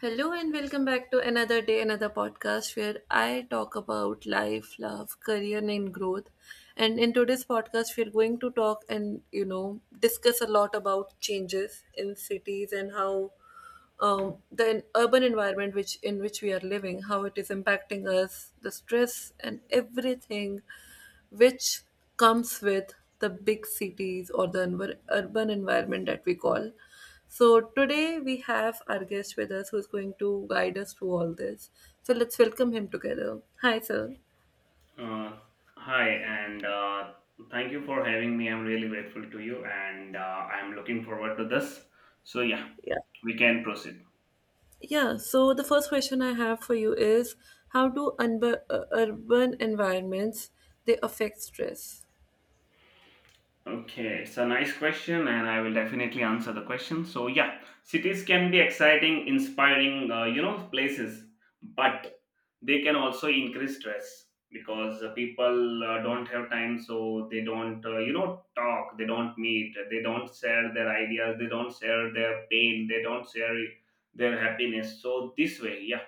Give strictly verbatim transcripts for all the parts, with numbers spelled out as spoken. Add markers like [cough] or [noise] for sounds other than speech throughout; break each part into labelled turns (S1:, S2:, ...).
S1: Hello and welcome back to another day, another podcast where I talk about life, love, career, and growth. And in today's podcast, we're going to talk and you know discuss a lot about changes in cities and how um, the en- urban environment which in which we are living, how it is impacting us, the stress and everything, which comes with the big cities or the envir- urban environment that we call. So, today we have our guest with us who's going to guide us through all this. So, let's welcome him together. Hi, sir.
S2: Uh, hi, and uh, thank you for having me. I'm really grateful to you, and uh, I'm looking forward to this. So, yeah,
S1: Yeah.
S2: we can proceed.
S1: Yeah, so the first question I have for you is how do unb- uh, urban environments they affect stress?
S2: Okay, it's a nice question, and I will definitely answer the question. So, yeah, cities can be exciting, inspiring, uh, you know, places, but they can also increase stress because uh, people uh, don't have time, so they don't uh, you know talk, they don't meet, they don't share their ideas, they don't share their pain, they don't share their happiness. So this way, yeah,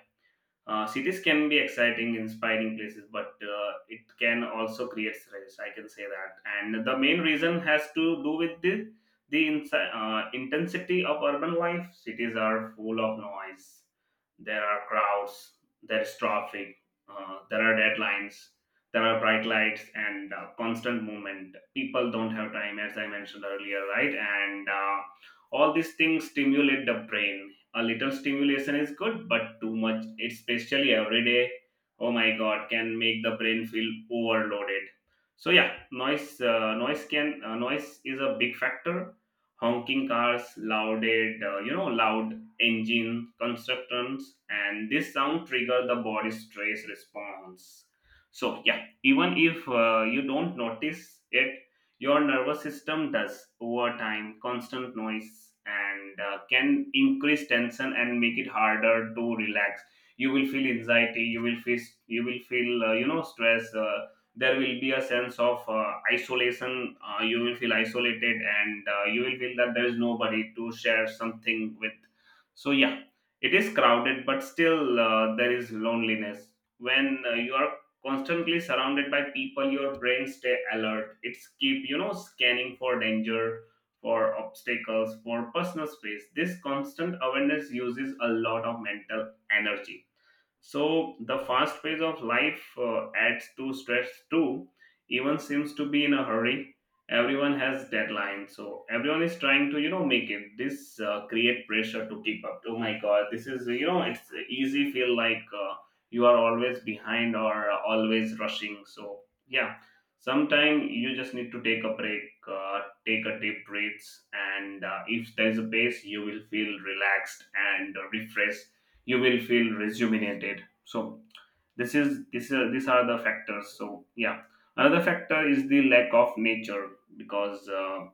S2: uh, cities can be exciting, inspiring places, but uh, it can also create stress. I can say that, and the main reason has to do with the the insi- uh, intensity of urban life. Cities are full of noise. There are crowds. There is traffic. Uh, there are deadlines. There are bright lights and uh, constant movement. People don't have time, as I mentioned earlier, right? And uh, all these things stimulate the brain. A little stimulation is good, but too much, especially every day, oh my God, can make the brain feel overloaded. So yeah, noise uh, noise can uh, noise is a big factor. Honking cars, louded uh, you know loud engine, constructions, and this sound trigger the body stress response. So yeah, even if uh, you don't notice it, your nervous system does. Over time, constant noise and uh, can increase tension and make it harder to relax. You will feel anxiety, you will feel you will feel uh, you know stress. Uh, there will be a sense of uh, isolation. Uh, you will feel isolated, and uh, you will feel that there is nobody to share something with. So yeah, it is crowded, but still uh, there is loneliness. When uh, you are constantly surrounded by people, your brain stay alert. It's keep, you know, scanning for danger, for obstacles, for personal space. This constant awareness uses a lot of mental energy. So the fast pace of life uh, adds to stress too. Even seems to be in a hurry. Everyone has deadlines, so everyone is trying to, you know, make it. This uh, create pressure to keep up. Oh my God, this is, you know, it's easy feel like uh, you are always behind or always rushing. So yeah, sometime you just need to take a break, uh, take a deep breaths, and uh, if there is a pace, you will feel relaxed and refreshed. You will feel rejuvenated. So this is this uh, these are the factors. So yeah, another factor is the lack of nature, because uh,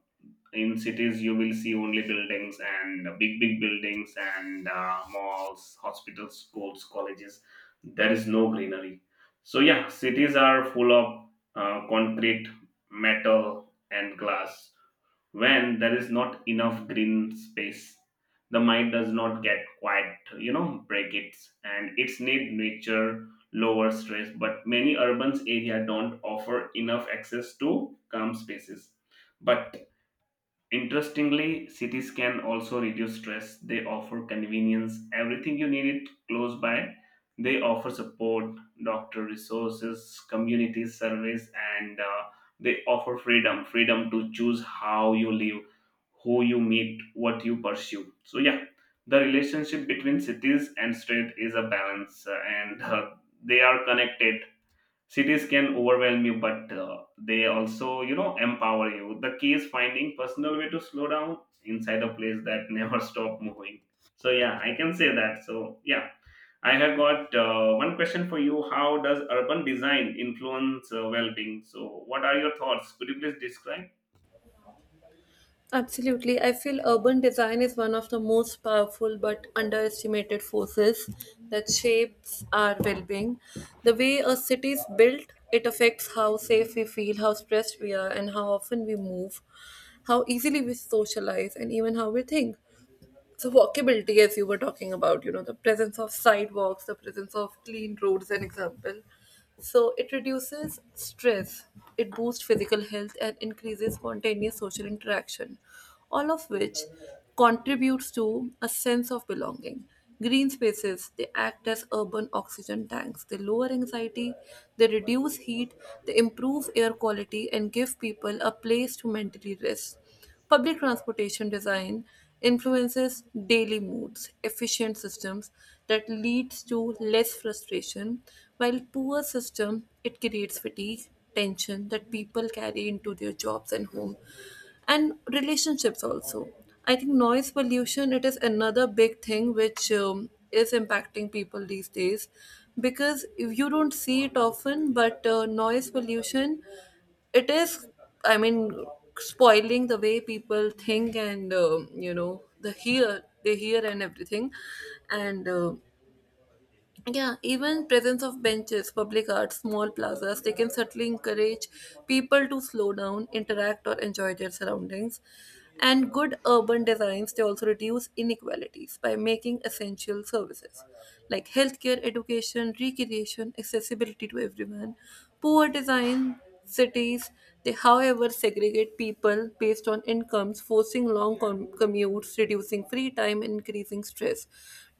S2: in cities you will see only buildings, and big big buildings, and uh, malls, hospitals, schools, colleges. There is no greenery. So yeah, cities are full of uh, concrete, metal, and glass. When there is not enough green space, the mind does not get quiet, you know, break it. And its need nature, lower stress, but many urban area don't offer enough access to calm spaces. But interestingly, cities can also reduce stress. They offer convenience, everything you need it close by. They offer support, doctor resources, community service, and uh, they offer freedom, freedom to choose how you live, who you meet, what you pursue. So, yeah, the relationship between cities and state is a balance, uh, and uh, they are connected. Cities can overwhelm you, but uh, they also, you know, empower you. The key is finding personal way to slow down inside a place that [laughs] never stop moving. So yeah, I can say that. So yeah, I have got uh, one question for you. How does urban design influence uh, well-being? So what are your thoughts? Could you please describe?
S1: Absolutely. I feel urban design is one of the most powerful but underestimated forces that shapes our well being. The way a city is built, it affects how safe we feel, how stressed we are, and how often we move, how easily we socialize, and even how we think. So walkability, as you were talking about, you know the presence of sidewalks, the presence of clean roads, an example. So it reduces stress, it boosts physical health and increases spontaneous social interaction, all of which contributes to a sense of belonging. Green spaces, they act as urban oxygen tanks. They lower anxiety, they reduce heat, they improve air quality and give people a place to mentally rest. Public transportation design influences daily moods, efficient systems that leads to less frustration, while poor system, it creates fatigue, tension that people carry into their jobs and home and relationships also. I think noise pollution, it is another big thing which um, is impacting people these days, because if you don't see it often, but uh, noise pollution, it is, i mean spoiling the way people think and um, you know the hear, they hear and everything. And uh, yeah, even presence of benches, public art, small plazas, they can certainly encourage people to slow down, interact or enjoy their surroundings. And good urban designs, they also reduce inequalities by making essential services like healthcare, education, recreation accessibility to everyone. Poor design cities, they however segregate people based on incomes, forcing long com- commutes, reducing free time, and increasing stress.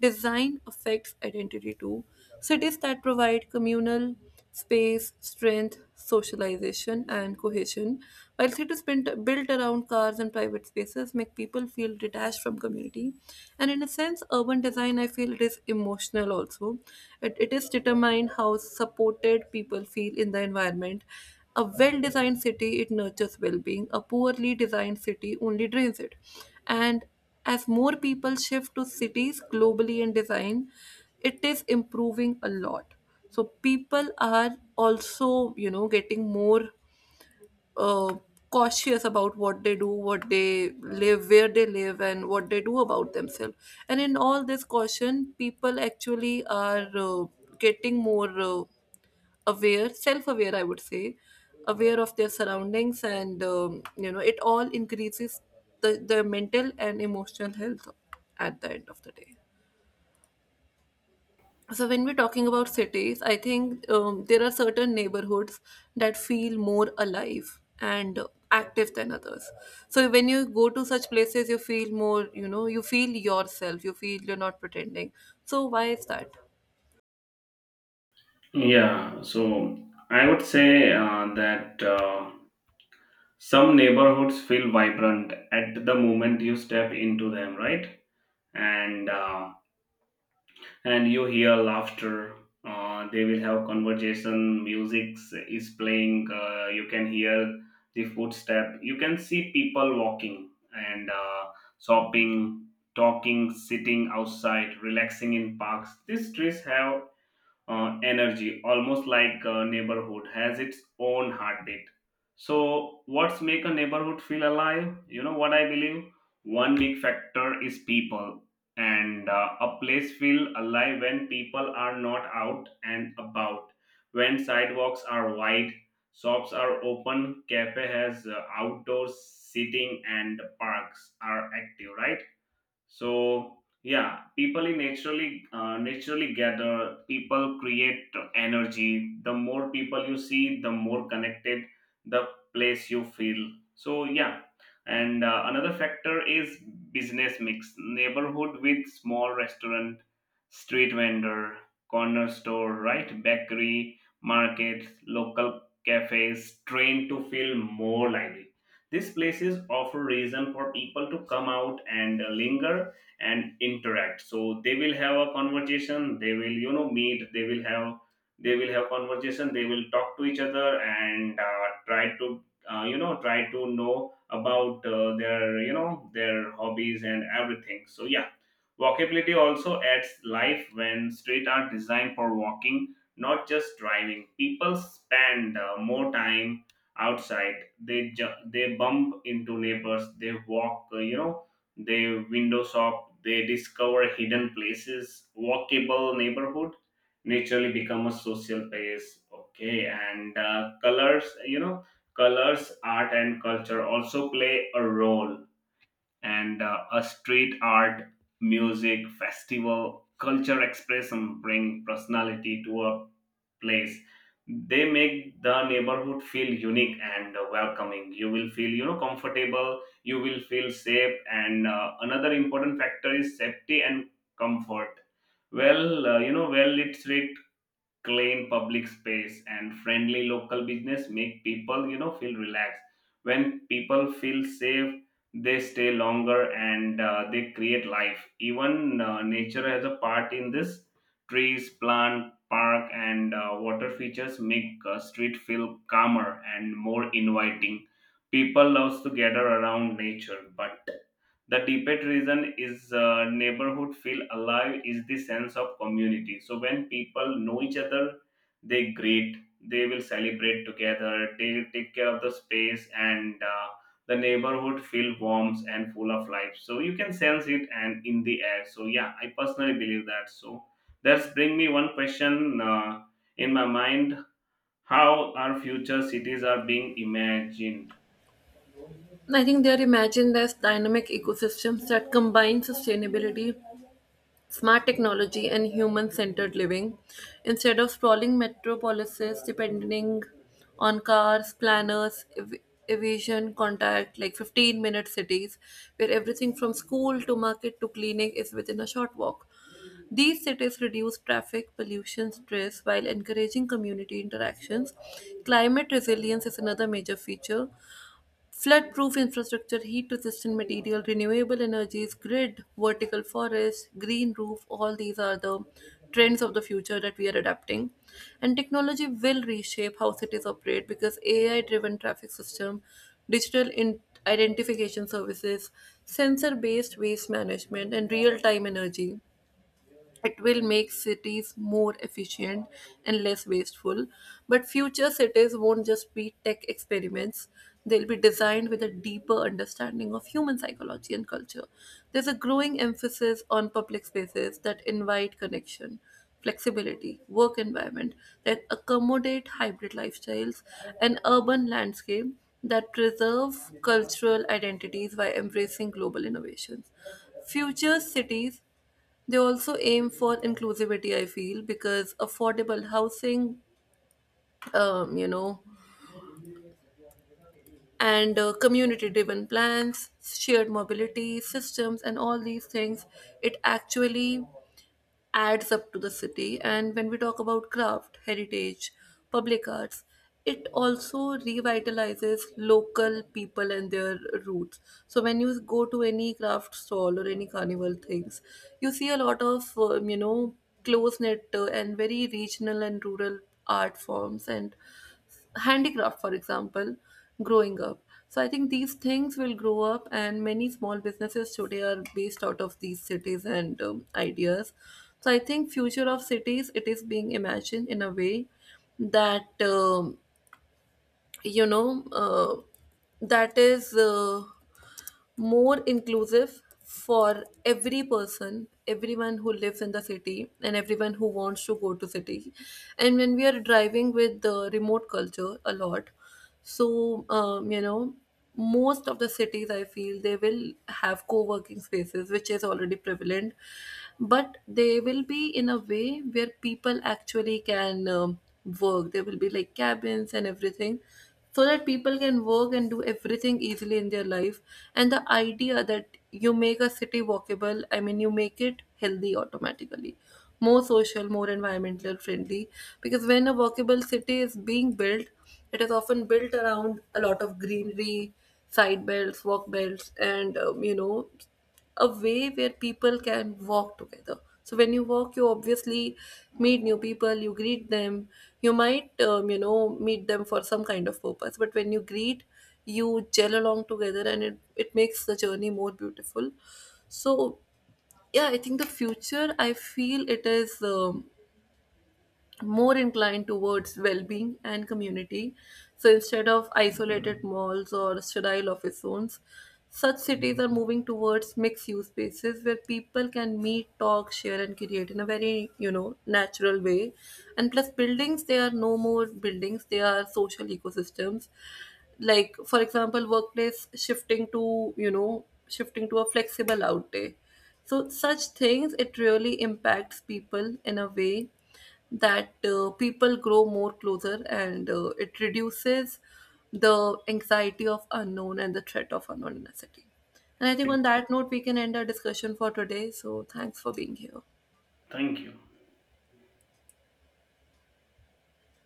S1: Design affects identity too. Cities that provide communal space, strength, socialization, and cohesion, while cities built built around cars and private spaces make people feel detached from community. And in a sense, urban design, I feel it is emotional also. It, it is determined how supported people feel in the environment. A well designed city, it nurtures well being. A poorly designed city only drains it. And as more people shift to cities globally in design, it is improving a lot. So people are also, you know, getting more uh, cautious about what they do, what they live, where they live, and what they do about themselves. And in all this caution, people actually are uh, getting more uh, aware, self aware, I would say, aware of their surroundings, and um, you know, it all increases the, the mental and emotional health at the end of the day. So when we're talking about cities, I think um, there are certain neighborhoods that feel more alive and active than others. So when you go to such places, you feel more, you know, you feel yourself. You feel you're not pretending. So why is that?
S2: Yeah, so I would say uh, that uh, some neighborhoods feel vibrant at the moment you step into them, right? And uh, and you hear laughter. Uh, they will have conversation. Music is playing. Uh, you can hear the footstep. You can see people walking and uh, shopping, talking, sitting outside, relaxing in parks. These trees have uh, energy, almost like a neighborhood has its own heartbeat. So, what's make a neighborhood feel alive? You know what I believe? One big factor is people, and uh, a place feel alive when people are not out and about, when sidewalks are wide, shops are open, cafe has uh, outdoor seating, and parks are active, right? So yeah, people in naturally uh, naturally gather. People create energy. The more people you see, the more connected the place you feel. So yeah, and uh, another factor is business mix. Neighborhood with small restaurant, street vendor, corner store, right, bakery, markets, local cafes train to feel more lively. These places offer reason for people to come out and uh, linger and interact. So they will have a conversation. They will, you know, meet. They will have they will have conversation. They will talk to each other and uh, try to uh, you know try to know about uh, their, you know, their hobbies and everything. So yeah, walkability also adds life when street are designed for walking, not just driving. People spend uh, more time outside. They ju- they bump into neighbors, they walk, uh, you know they window shop, they discover hidden places. Walkable neighborhood naturally become a social place. Okay, and uh, colors you know colors, art, and culture also play a role. And uh, a street art, music festival, culture expression bring personality to a place. They make the neighborhood feel unique and uh, welcoming. You will feel, you know, comfortable, you will feel safe. And uh, another important factor is safety and comfort. Well uh, you know well lit street, clean public space, and friendly local business make people, you know, feel relaxed. When people feel safe, they stay longer, and uh, they create life. Even uh, nature has a part in this. Trees, plant, park, and uh, water features make uh, street feel calmer and more inviting. People loves to gather around nature. But the deepest reason is uh, neighborhood feel alive is the sense of community. So when people know each other, they greet, they will celebrate together, they will take care of the space, and uh, the neighborhood feel warm and full of life. So you can sense it and in the air. So yeah, I personally believe that. So that's bring me one question, uh, in my mind: how our future cities are being imagined?
S1: I think they are imagined as dynamic ecosystems that combine sustainability, smart technology and human-centered living, instead of sprawling metropolises depending on cars. Planners ev- evasion contact like fifteen minute cities where everything from school to market to clinic is within a short walk. These cities reduce traffic, pollution, stress while encouraging community interactions. Climate resilience is another major feature. Flood-proof infrastructure, heat-resistant material, renewable energies, grid, vertical forests, green roof, all these are the trends of the future that we are adapting. And technology will reshape how cities operate because A I-driven traffic system, digital in- identification services, sensor-based waste management, and real-time energy, it will make cities more efficient and less wasteful. But future cities won't just be tech experiments, they'll be designed with a deeper understanding of human psychology and culture. There's a growing emphasis on public spaces that invite connection. Flexibility, work environment that accommodate hybrid lifestyles, and urban landscape that preserve cultural identities by embracing global innovations. Future cities, they also aim for inclusivity, I feel, because affordable housing, um, you know, and uh, community driven plans, shared mobility systems, and all these things, it actually adds up to the city. And when we talk about craft, heritage, public arts, it also revitalizes local people and their roots. So when you go to any craft stall or any carnival things, you see a lot of um, you know close knit uh, and very regional and rural art forms and handicraft, for example, growing up. So I think these things will grow up, and many small businesses today are based out of these cities and um, ideas. So I think future of cities, it is being imagined in a way that um, you know uh, that is uh, more inclusive for every person, everyone who lives in the city and everyone who wants to go to city. And when we are driving with the remote culture a lot, so um, you know most of the cities, I feel, they will have co-working spaces which is already prevalent, but they will be in a way where people actually can um, work. There will be like cabins and everything, so that people can work and do everything easily in their life. And the idea that you make a city walkable, i mean you make it healthy automatically, more social, more environmental friendly, because when a walkable city is being built, it is often built around a lot of greenery, side belts, walk belts, and um, you know a way where people can walk together. So when you walk, you obviously meet new people, you greet them, you might, um, you know, meet them for some kind of purpose. But when you greet, you gel along together, and it, it makes the journey more beautiful. So, yeah, I think the future, I feel it is. Um, more inclined towards well-being and community. So instead of isolated malls or sterile office zones, such cities are moving towards mixed-use spaces where people can meet, talk, share, and create in a very you know natural way. And plus, buildings, they are no more buildings; they are social ecosystems. Like for example, workplace shifting to you know shifting to a flexible out day. So such things, it really impacts people in a way that uh, people grow more closer, and uh, it reduces the anxiety of unknown and the threat of unknown in a city. And I think on that note, we can end our discussion for today. So thanks for being here.
S2: Thank you.